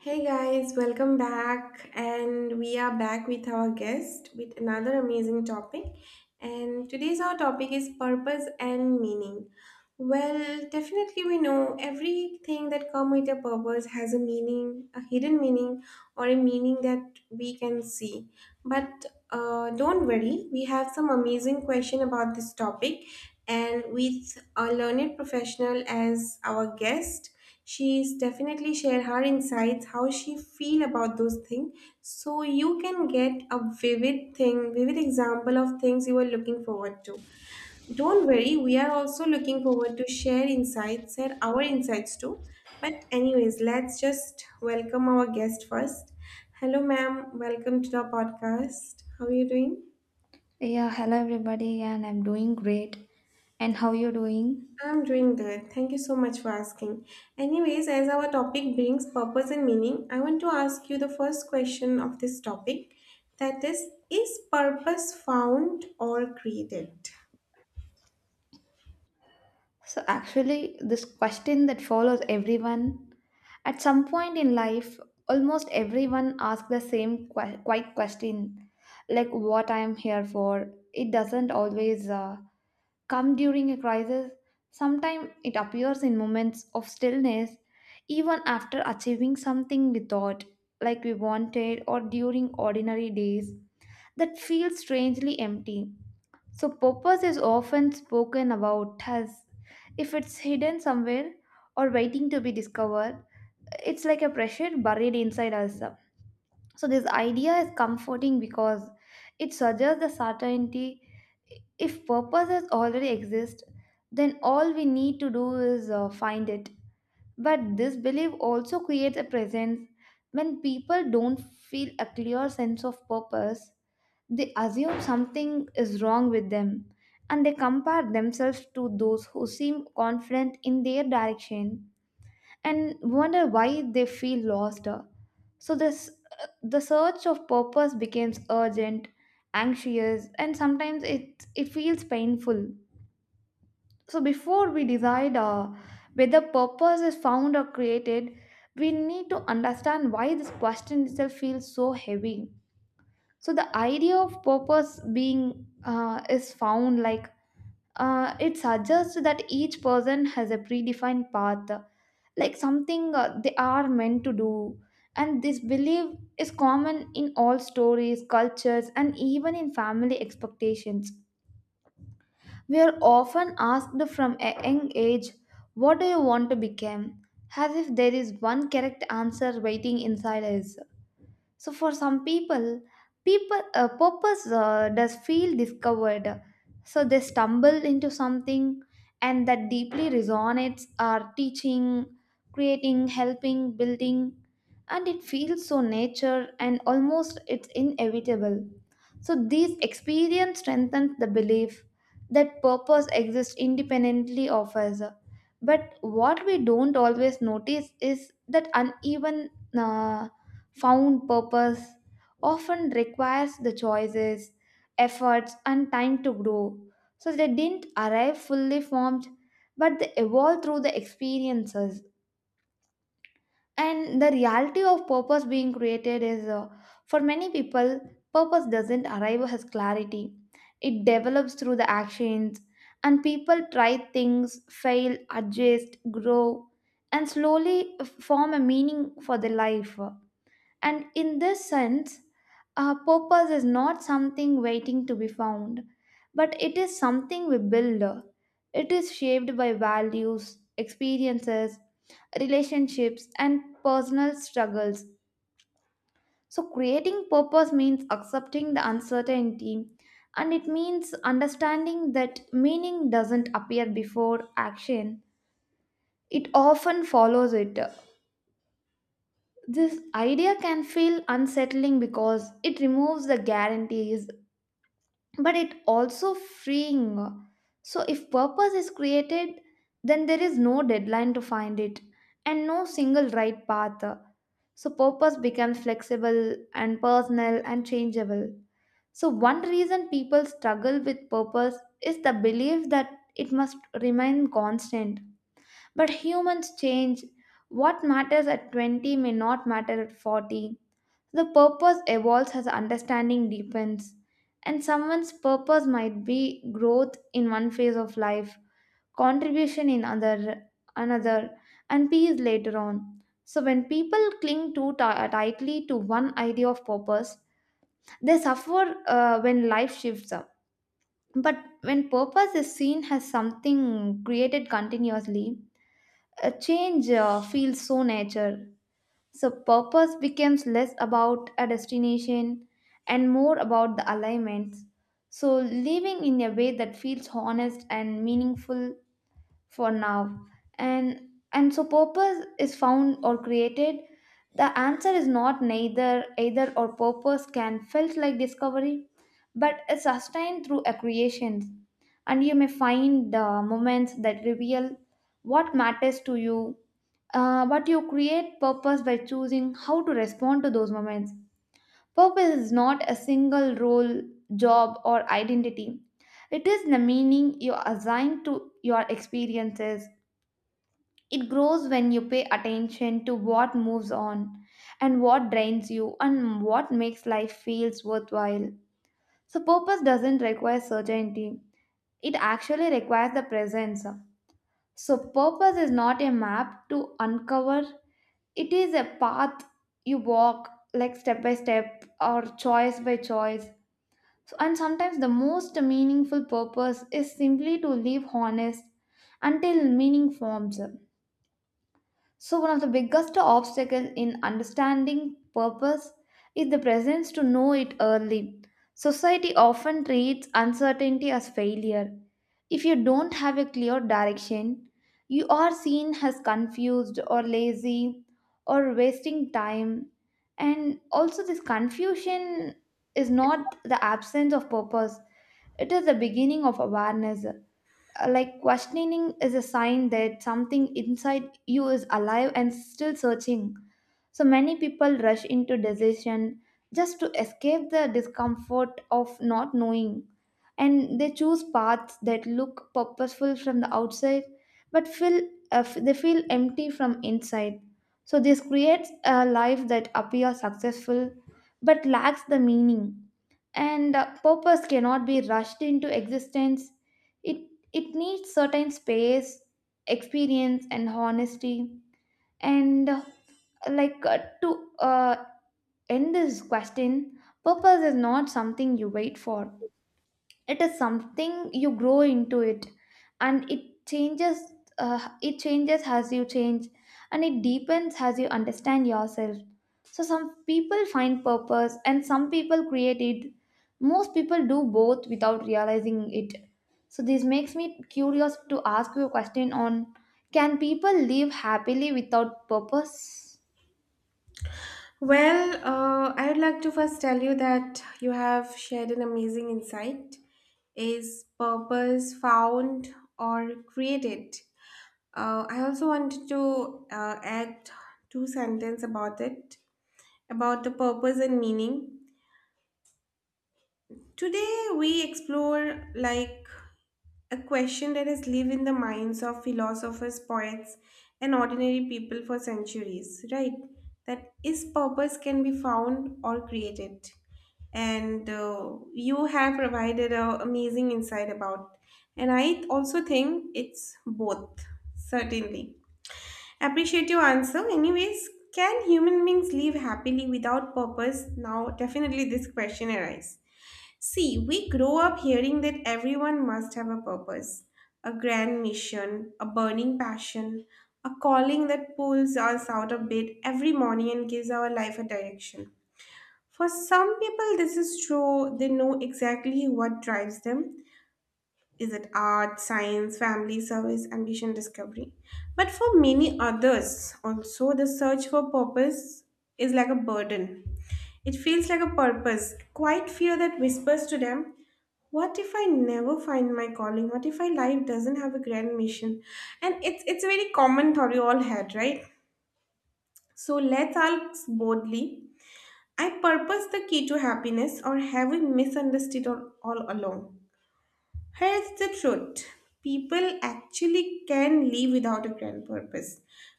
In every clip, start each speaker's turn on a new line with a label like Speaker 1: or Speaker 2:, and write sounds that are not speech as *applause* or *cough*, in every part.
Speaker 1: Hey guys, welcome back. And we are back with our guest with another amazing topic. And today's our topic is purpose and meaning. Well, definitely we know everything that come with a purpose has a meaning, a hidden meaning or a meaning that we can see. But don't worry, we have some amazing question about this topic and with a learned professional as our guest, she's definitely share her insights how she feel about those things, so you can get a vivid example of things you are looking forward to. Don't worry, we are also looking forward to share our insights too. But anyways, let's just welcome our guest first. Hello ma'am, welcome to the podcast. How are you doing?
Speaker 2: Yeah, hello everybody, and I'm doing great. And how you doing?
Speaker 1: I'm doing good. Thank you so much for asking. Anyways, as our topic brings purpose and meaning, I want to ask you the first question of this topic, that is purpose found or created?
Speaker 2: So actually, this question that follows everyone at some point in life, almost everyone asks the same quite question, like what I am here for. It doesn't always come during a crisis. Sometimes it appears in moments of stillness, even after achieving something we thought like we wanted or during ordinary days that feel strangely empty. So, purpose is often spoken about as if it's hidden somewhere or waiting to be discovered. It's like a pressure buried inside us. So, this idea is comforting because it suggests the certainty if purposes already exist, then all we need to do is find it. But this belief also creates a presence when people don't feel a clear sense of purpose. They assume something is wrong with them, and they compare themselves to those who seem confident in their direction and wonder why they feel lost. So this the search of purpose becomes urgent, anxious, and sometimes it feels painful. So before we decide whether purpose is found or created, we need to understand why this question itself feels so heavy. So the idea of purpose being is found, like it suggests that each person has a predefined path, like something they are meant to do, and this belief is common in all stories, cultures, and even in family expectations. We are often asked from a young age, what do you want to become, as if there is one correct answer waiting inside us. So for some people, purpose does feel discovered. So they stumble into something, and that deeply resonates are teaching, creating, helping, building, and it feels so nature and almost it's inevitable. So these experience strengthens the belief that purpose exists independently of us. But what we don't always notice is that uneven. Uh, Found purpose often requires the choices, efforts, and time to grow. So they didn't arrive fully formed, but they evolved through the experiences. And the reality of purpose being created is, for many people, purpose doesn't arrive as clarity, it develops through the actions. And people try things, fail, adjust, grow, and slowly form a meaning for their life. And in this sense, purpose is not something waiting to be found, but it is something we build. It is shaped by values, experiences, relationships, and personal struggles. So, creating purpose means accepting the uncertainty, and it means understanding that meaning doesn't appear before action, it often follows it. This idea can feel unsettling because it removes the guarantees, but it also freeing. So if purpose is created, then there is no deadline to find it and no single right path. So purpose becomes flexible and personal and changeable. So one reason people struggle with purpose is the belief that it must remain constant. But humans change. What matters at 20 may not matter at 40. The purpose evolves as understanding deepens, and someone's purpose might be growth in one phase of life, contribution in other, another, and peace later on. So, when people cling too tightly to one idea of purpose, they suffer when life shifts up. But when purpose is seen as something created continuously, a change feels so natural. So purpose becomes less about a destination and more about the alignments. So living in a way that feels honest and meaningful for now. And so purpose is found or created. The answer is not neither either or purpose can felt like discovery, but is sustained through a creation. And you may find the moments that reveal what matters to you, but you create purpose by choosing how to respond to those moments. Purpose is not a single role, job, or identity. It is the meaning you assign to your experiences. It grows when you pay attention to what moves on and what drains you and what makes life feels worthwhile. So purpose doesn't require certainty. It actually requires the presence. So purpose is not a map to uncover. It is a path you walk, like step by step or choice by choice. So, and sometimes the most meaningful purpose is simply to live honest until meaning forms. So, one of the biggest obstacles in understanding purpose is the presence to know it early. Society often treats uncertainty as failure. If you don't have a clear direction, you are seen as confused or lazy or wasting time. And also, this confusion is not the absence of purpose, it is the beginning of awareness. Like questioning is a sign that something inside you is alive and still searching. So many people rush into decision just to escape the discomfort of not knowing, and they choose paths that look purposeful from the outside but feel they feel empty from inside. So this creates a life that appears successful but lacks the meaning, and purpose cannot be rushed into existence. It it needs certain space, experience, and honesty. And like to end this question, purpose is not something you wait for, it is something you grow into it, and it changes. It changes as you change, and it deepens as you understand yourself. So some people find purpose and some people create it. Most people do both without realizing it. So this makes me curious to ask you a question on, can people live happily without purpose?
Speaker 1: Well, I would like to first tell you that you have shared an amazing insight. Is purpose found or created? I also wanted to add two sentences about it, about the purpose and meaning. Today we explore like a question that has lived in the minds of philosophers, poets, and ordinary people for centuries, right? That is purpose can be found or created. And you have provided an amazing insight about. And I also think it's both, certainly. Appreciate your answer. Anyways, can human beings live happily without purpose? Now, definitely this question arises. See, we grow up hearing that everyone must have a purpose, a grand mission, a burning passion, a calling that pulls us out of bed every morning and gives our life a direction. For some people, this is true. They know exactly what drives them. Is it art, science, family, service, ambition, discovery? But for many others, also, the search for purpose is like a burden. It feels like a purpose, a quiet fear that whispers to them, what if I never find my calling? What if my life doesn't have a grand mission? And it's a very common thought we all had, right? So let's ask boldly, I purpose the key to happiness, or have we misunderstood all along? Here's the truth. People actually can live without a grand purpose,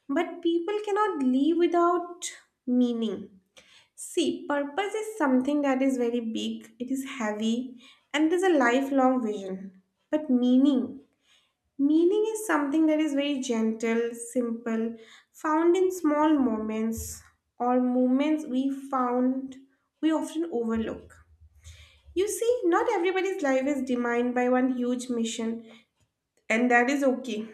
Speaker 1: but people cannot live without meaning. See, purpose is something that is very big, it is heavy, and there's a lifelong vision. But meaning is something that is very gentle, simple, found in small moments or moments we found we often overlook. You see, not everybody's life is defined by one huge mission, and that is okay.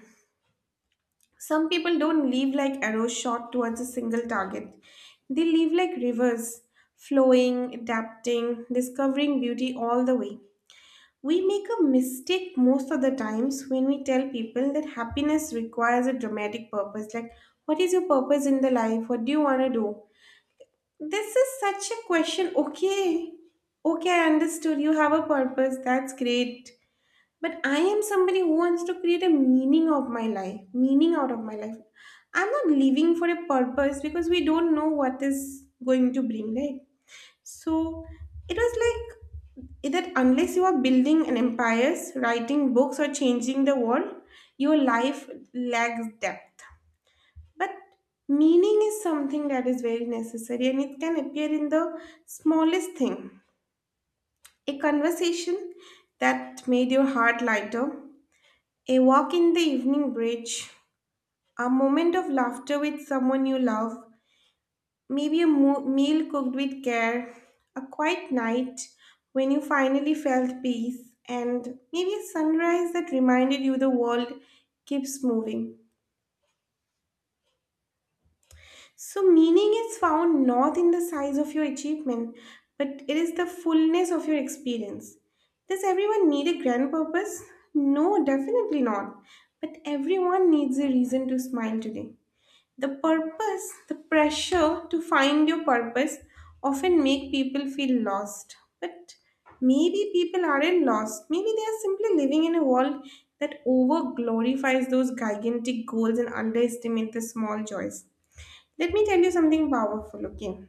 Speaker 1: Some people don't live like arrows shot towards a single target. They live like rivers, flowing, adapting, discovering beauty all the way. We make a mistake most of the times when we tell people that happiness requires a dramatic purpose. Like, what is your purpose in the life? What do you want to do? This is such a question. Okay, okay, I understood. You have a purpose. That's great. But I am somebody who wants to create a meaning of my life, meaning out of my life. I'm not living for a purpose because we don't know what is going to bring, right? So it was like that unless you are building an empire, writing books, or changing the world, your life lacks depth. But meaning is something that is very necessary and it can appear in the smallest thing. A conversation that made your heart lighter, a walk in the evening bridge, a moment of laughter with someone you love, maybe a meal cooked with care, a quiet night when you finally felt peace, and maybe a sunrise that reminded you the world keeps moving. So, meaning is found not in the size of your achievement, but it is the fullness of your experience. Does everyone need a grand purpose? No, definitely not. But everyone needs a reason to smile today. The purpose, the pressure to find your purpose often make people feel lost. But maybe people aren't lost. Maybe they are simply living in a world that over glorifies those gigantic goals and underestimate the small joys. Let me tell you something powerful, okay?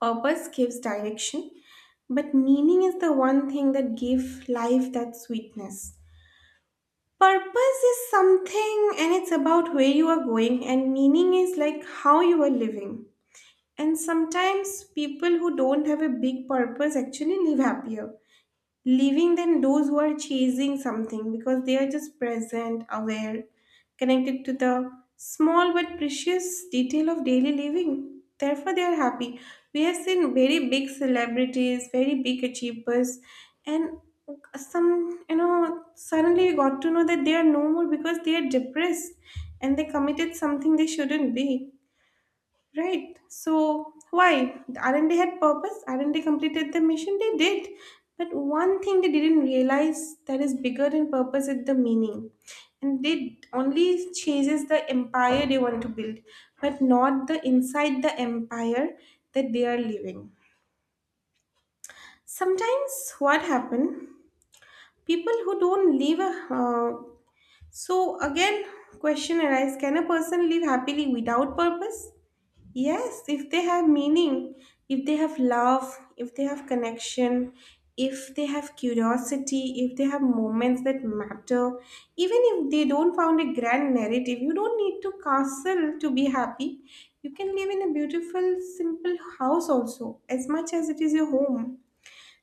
Speaker 1: Purpose gives direction, but meaning is the one thing that gives life that sweetness. Purpose is something and it's about where you are going, and meaning is like how you are living. And sometimes people who don't have a big purpose actually live happier leaving than those who are chasing something because they are just present, aware, connected to the small but precious detail of daily living. Therefore, they are happy. We have seen very big celebrities, very big achievers, and some, you know, suddenly we got to know that they are no more because they are depressed and they committed something they shouldn't be. Right. So why? The R&D had purpose. R&D completed the mission. They did. But one thing they didn't realize that is bigger than purpose is the meaning. And they only chases the empire they want to build, but not the inside the empire that they are living. Sometimes what happen? People who don't live. So again, question arises: can a person live happily without purpose? Yes, if they have meaning, if they have love, if they have connection, if they have curiosity, if they have moments that matter, even if they don't found a grand narrative, you don't need to castle to be happy. You can live in a beautiful, simple house also, as much as it is your home.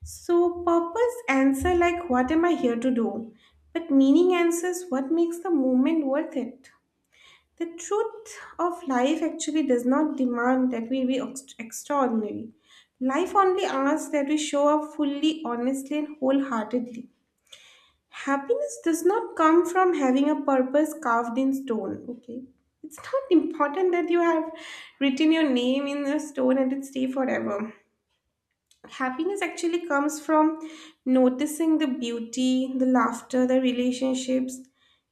Speaker 1: So purpose answer like, what am I here to do? But meaning answers what makes the moment worth it. The truth of life actually does not demand that we be extraordinary. Life only asks that we show up fully, honestly, and wholeheartedly. Happiness does not come from having a purpose carved in stone, okay? It's not important that you have written your name in a stone and it stay forever. Happiness actually comes from noticing the beauty, the laughter, the relationships,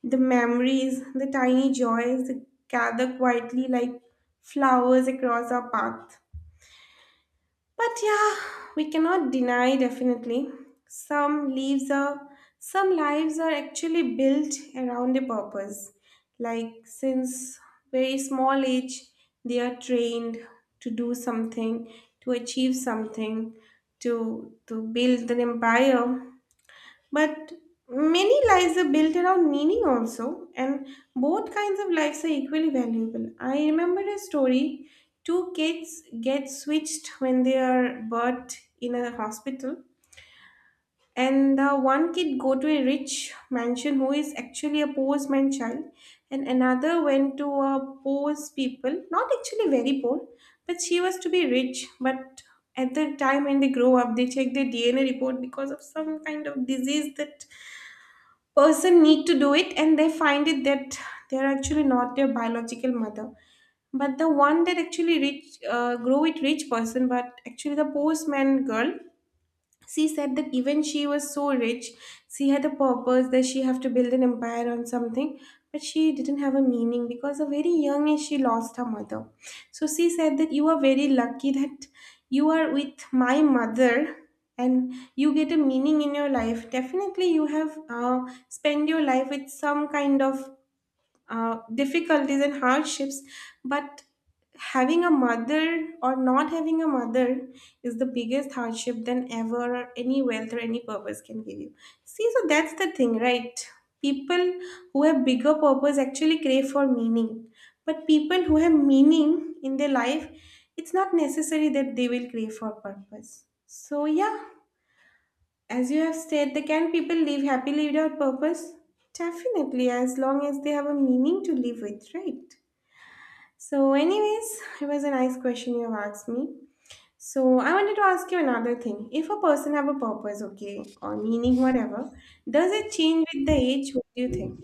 Speaker 1: the memories, the tiny joys that gather quietly like flowers across our path. But yeah, we cannot deny definitely. Some leaves are some lives are actually built around a purpose. Like since very small age they are trained to do something, to achieve something, to build an empire, but many lives are built around meaning also, and both kinds of lives are equally valuable. I remember a story. Two kids get switched when they are birthed in a hospital, and the one kid go to a rich mansion who is actually a poor man child, and another went to a poor people, not actually very poor, but she was to be rich. But at the time when they grow up, they check their DNA report because of some kind of disease that person need to do it, and they find it that they're actually not their biological mother. But the one that actually reach grow it rich person, but actually the postman girl, she said that even she was so rich, she had a purpose that she have to build an empire on something, but she didn't have a meaning because a very young age she lost her mother. So she said that you are very lucky that you are with my mother and you get a meaning in your life. Definitely you have spent your life with some kind of difficulties and hardships, but having a mother or not having a mother is the biggest hardship than ever, or any wealth or any purpose can give you. See, so that's the thing, right? People who have bigger purpose actually crave for meaning, but people who have meaning in their life, it's not necessary that they will crave for purpose. So yeah, as you have said, the can people live happily without purpose? Definitely, as long as they have a meaning to live with, right? So, anyways, it was a nice question you have asked me. So, I wanted to ask you another thing. If a person have a purpose, okay, or meaning, whatever, does it change with the age? What do you think?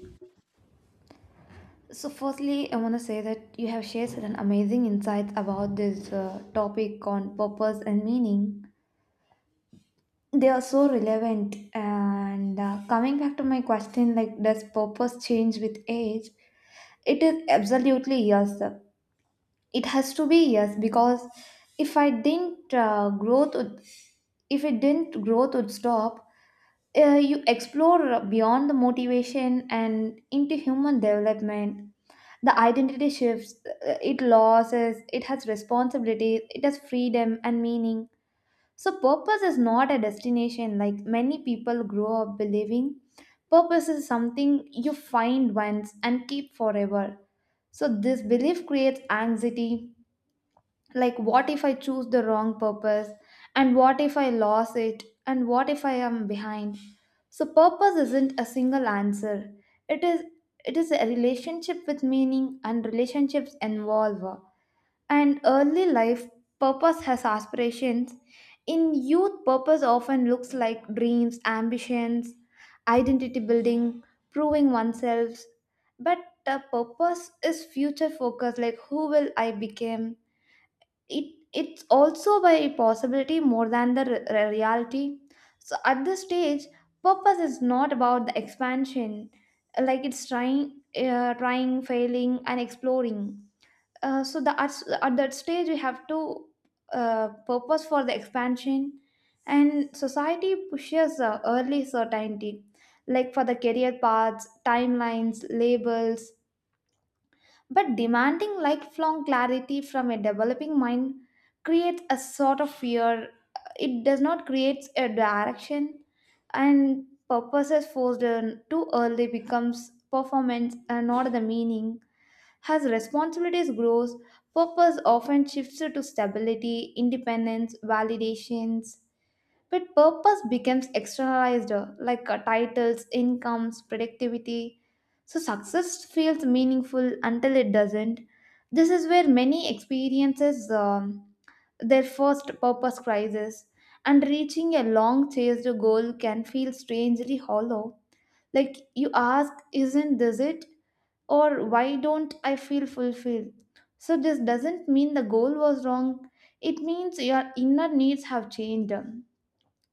Speaker 2: So, firstly, I want to say that you have shared certain amazing insights about this topic on purpose and meaning. They are so relevant. And coming back to my question, like, does purpose change with age? It is absolutely yes. It has to be yes because if I didn't uh, growth would, if it didn't growth would stop. You explore beyond the motivation and into human development. The identity shifts, it losses, it has responsibilities, it has freedom and meaning. So purpose is not a destination like many people grow up believing. Purpose is something you find once and keep forever. So this belief creates anxiety, like what if I choose the wrong purpose, and what if I lost it, and what if I am behind? So purpose isn't a single answer, it is it is a relationship with meaning, and relationships involve. And early life purpose has aspirations. In youth purpose often looks like dreams, ambitions, identity building, proving oneself. But the purpose is future focus, like who will I become. It It's also by possibility more than the reality. So at this stage, purpose is not about the expansion, like it's trying, trying, failing, and exploring. uh, so the at, at that stage we have to purpose for the expansion. And society pushes early certainty, like for the career paths, timelines, labels. But demanding lifelong clarity from a developing mind creates a sort of fear. It does not create a direction, and purposes forced on too early becomes performance and not the meaning. As responsibilities grows, purpose often shifts to stability, independence, validations, but purpose becomes externalized, titles, incomes, productivity. So success feels meaningful until it doesn't. This is where many experiences their first purpose crisis, and reaching a long chased goal can feel strangely hollow. Like you ask, isn't this it? Or why don't I feel fulfilled? So this doesn't mean the goal was wrong. It means your inner needs have changed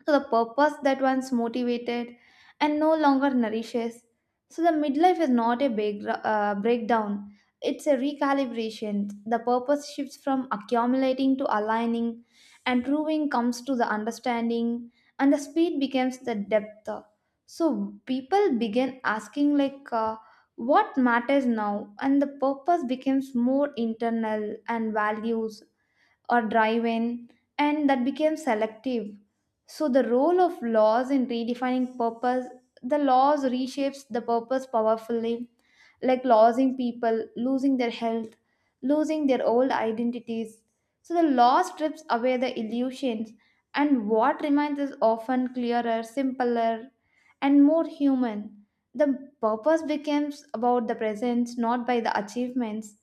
Speaker 2: to the purpose that once motivated and no longer nourishes. So, the midlife is not a big, breakdown, it's a recalibration. The purpose shifts from accumulating to aligning, and proving comes to the understanding, and the speed becomes the depth. So, people begin asking, like, what matters now, and the purpose becomes more internal and values or drive in, and that became selective. So, the role of laws in redefining purpose, the laws reshapes the purpose powerfully, like losing people, losing their health, losing their old identities. So, the law strips away the illusions, and what remains is often clearer, simpler, and more human. The purpose becomes about the presence, not by the achievements.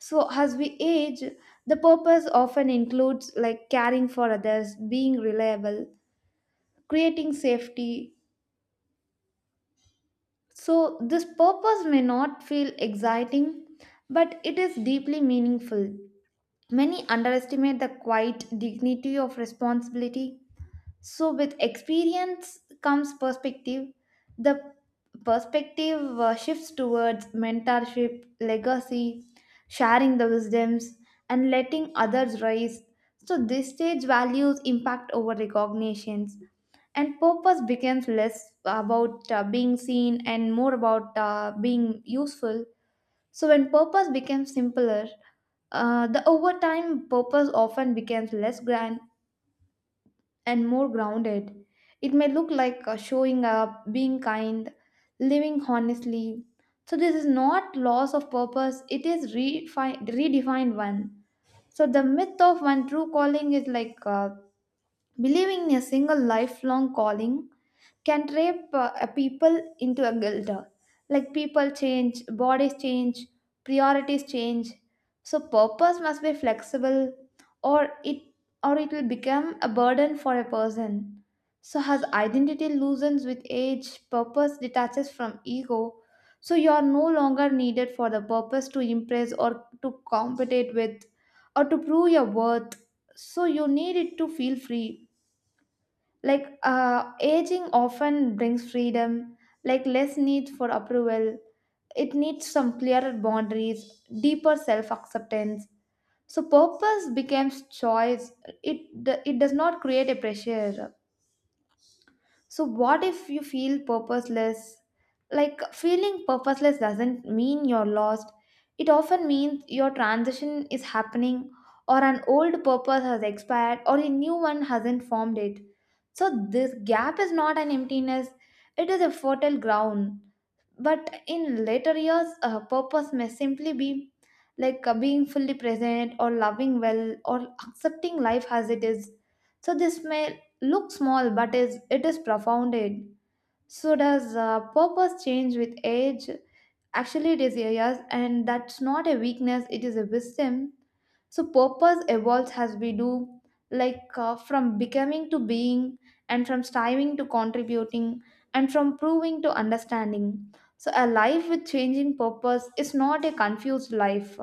Speaker 2: So, as we age, the purpose often includes like caring for others, being reliable, creating safety. So, this purpose may not feel exciting, but it is deeply meaningful. Many underestimate the quiet dignity of responsibility. So, with experience comes perspective. The perspective shifts towards mentorship, legacy, sharing the wisdoms, and letting others rise. So, this stage values impact over recognitions, and purpose becomes less about being seen and more about being useful. So, when purpose becomes simpler, the over time purpose often becomes less grand and more grounded. It may look like showing up, being kind, living honestly. So, this is not loss of purpose, it is redefined one. So, the myth of one true calling is like believing in a single lifelong calling can rape a people into a guilt. Like people change, bodies change, priorities change. So purpose must be flexible, or it or it will become a burden for a person. So as identity loosens with age, purpose detaches from ego. So you are no longer needed for the purpose to impress or to compete with or to prove your worth. So you need it to feel free, like aging often brings freedom, like less need for approval. It needs some clearer boundaries, deeper self acceptance. So purpose becomes choice. It it does not create a pressure. So, what if you feel purposeless? Like, feeling purposeless doesn't mean you're lost, it often means your transition is happening, or an old purpose has expired, or a new one hasn't formed it. So, this gap is not an emptiness, it is a fertile ground. But in later years, purpose may simply be like being fully present or loving well or accepting life as it is. So this may look small, but is it is profounded. So does purpose change with age? Actually it is a yes, and that's not a weakness, it is a wisdom. So purpose evolves as we do, like from becoming to being, and from striving to contributing, and from proving to understanding. So a life with changing purpose is not a confused life;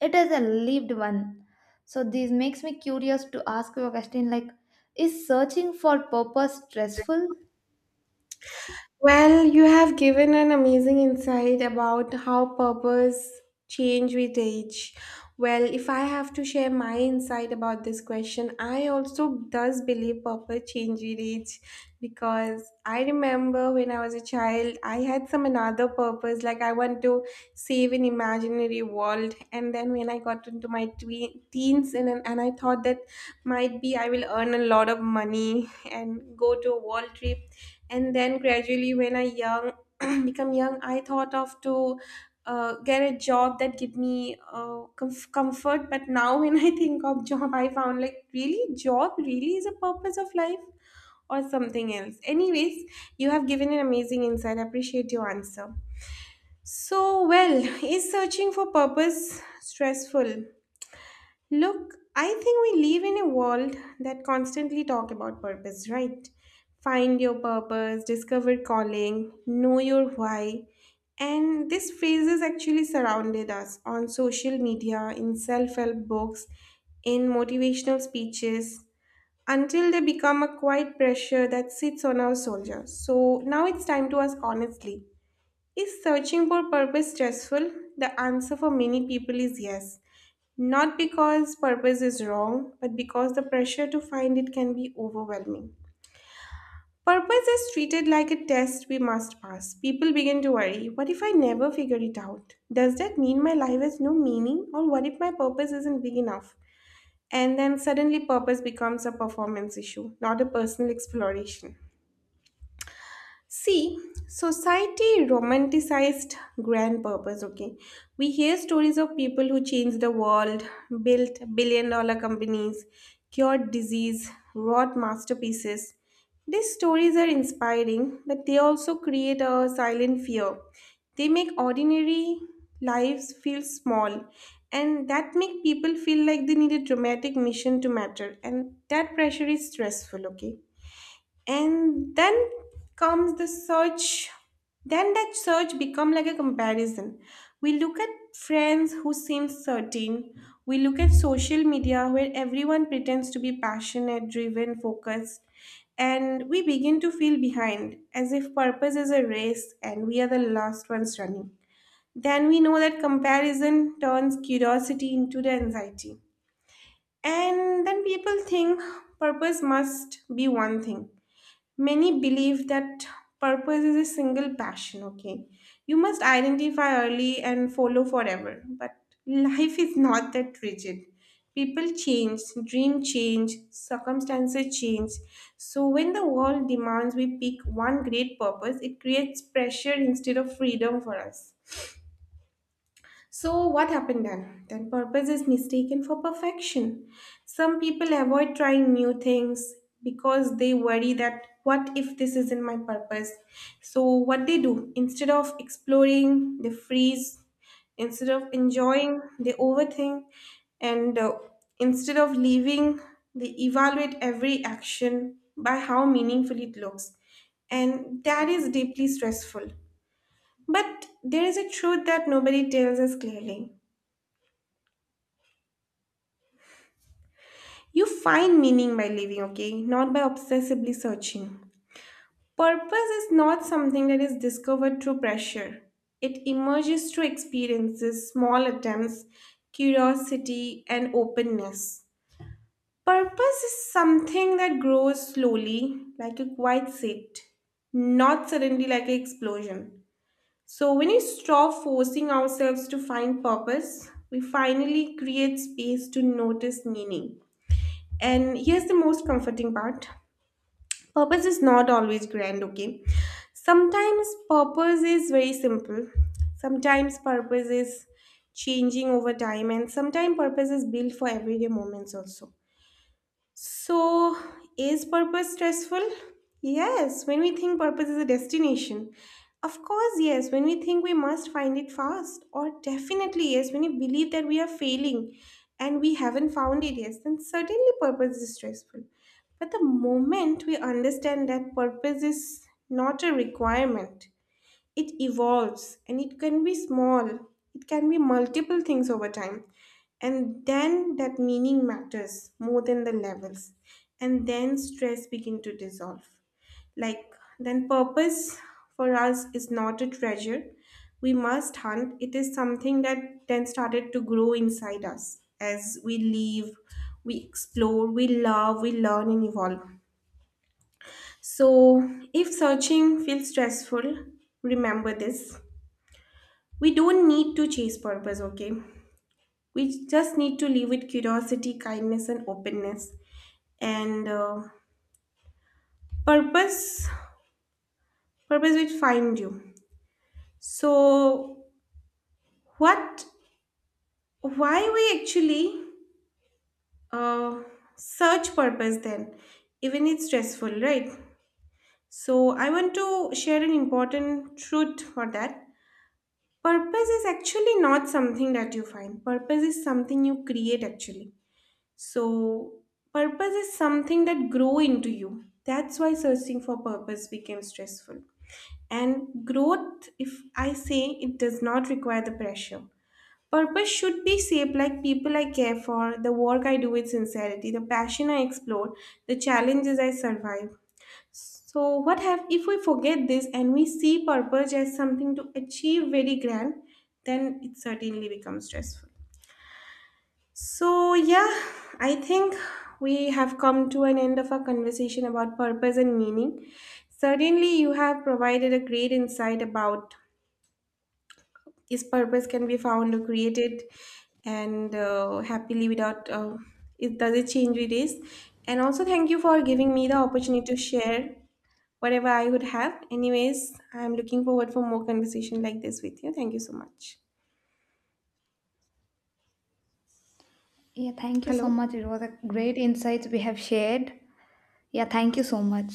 Speaker 2: it is a lived one. So this makes me curious to ask you a question like, is searching for purpose stressful?
Speaker 1: Well, you have given an amazing insight about how purpose change with age. Well, if I have to share my insight about this question, I also does believe purpose change with age because I remember when I was a child, I had some another purpose like I want to save an imaginary world. And then when I got into my tween teens, and I thought that might be I will earn a lot of money and go to a world trip. And then gradually when I young *clears throat* become young, I thought of to get a job that give me comfort. But now *laughs* when I think of job, I found like really job really is a purpose of life or something else. Anyways, you have given an amazing insight. I appreciate your answer. So well, *laughs* is searching for purpose stressful? Look, I think we live in a world that constantly talk about purpose, right? Find your purpose, discover calling, know your why. And these phrases actually surrounded us on social media, in self-help books, in motivational speeches, until they become a quiet pressure that sits on our soldiers. So now it's time to ask honestly. Is searching for purpose stressful? The answer for many people is yes. Not because purpose is wrong, but because the pressure to find it can be overwhelming. Purpose is treated like a test we must pass. People begin to worry, what if I never figure it out? Does that mean my life has no meaning? Or what if my purpose isn't big enough? And then suddenly, purpose becomes a performance issue, not a personal exploration. See, society romanticized grand purpose, okay? We hear stories of people who changed the world, built billion dollar companies, cured disease, wrought masterpieces. These stories are inspiring, but they also create a silent fear. They make ordinary lives feel small, and that make people feel like they need a dramatic mission to matter. And that pressure is stressful, okay? And then comes the search. Then that search become like a comparison. We look at friends who seem certain, we look at social media where everyone pretends to be passionate, driven, focused, and we begin to feel behind, as if purpose is a race and we are the last ones running. Then we know that comparison turns curiosity into the anxiety. And then people think purpose must be one thing. Many believe that purpose is a single passion, okay? You must identify early and follow forever. But life is not that rigid. People change, dream change, circumstances change. So when the world demands we pick one great purpose, it creates pressure instead of freedom for us. So, what happened then? Then purpose is mistaken for perfection. Some people avoid trying new things because they worry that what if this isn't my purpose? So, what they do, instead of exploring, they freeze. Instead of enjoying, they overthink. And Instead of living, they evaluate every action by how meaningful it looks. And that is deeply stressful. But there is a truth that nobody tells us clearly. You find meaning by living, okay? Not by obsessively searching. Purpose is not something that is discovered through pressure, it emerges through experiences, small attempts, curiosity, and openness. Purpose is something that grows slowly, like a quiet seed, not suddenly like an explosion. So, when we stop forcing ourselves to find purpose, we finally create space to notice meaning. And here's the most comforting part, purpose is not always grand, okay? Sometimes purpose is very simple, sometimes purpose is changing over time, and sometimes purpose is built for everyday moments also. So, is purpose stressful? Yes, when we think purpose is a destination. Of course, yes, when we think we must find it fast. Or definitely, yes, when we believe that we are failing and we haven't found it, yes, then certainly purpose is stressful. But the moment we understand that purpose is not a requirement, it evolves and it can be small, it can be multiple things over time. And then that meaning matters more than the levels. And then stress begin to dissolve. Like then purpose for us is not a treasure we must hunt. It is something that then started to grow inside us as we live, we explore, we love, we learn and evolve. So, if searching feels stressful, remember this, we don't need to chase purpose, okay? We just need to live with curiosity, kindness, and openness. And Purpose, purpose will find you. So, what, why we actually uh, search purpose then? Even it's stressful, right? So, I want to share an important truth for that. Purpose is actually not something that you find. Purpose is something you create actually. So, purpose is something that grow into you. That's why searching for purpose became stressful. And growth, if I say, it does not require the pressure. Purpose should be shaped like people I care for, the work I do with sincerity, the passion I explore, the challenges I survive. So what have if we forget this and we see purpose as something to achieve very grand, then it certainly becomes stressful. So, yeah, I think we have come to an end of our conversation about purpose and meaning. Certainly, you have provided a great insight about is purpose can be found or created, and happily without it does it change with days. And also, thank you for giving me the opportunity to share whatever I would have. Anyways, I'm looking forward for more conversation like this with you. Thank you so much.
Speaker 2: Yeah, thank you
Speaker 1: Hello.
Speaker 2: so much. It was a great insights we have shared. Yeah, thank you so much.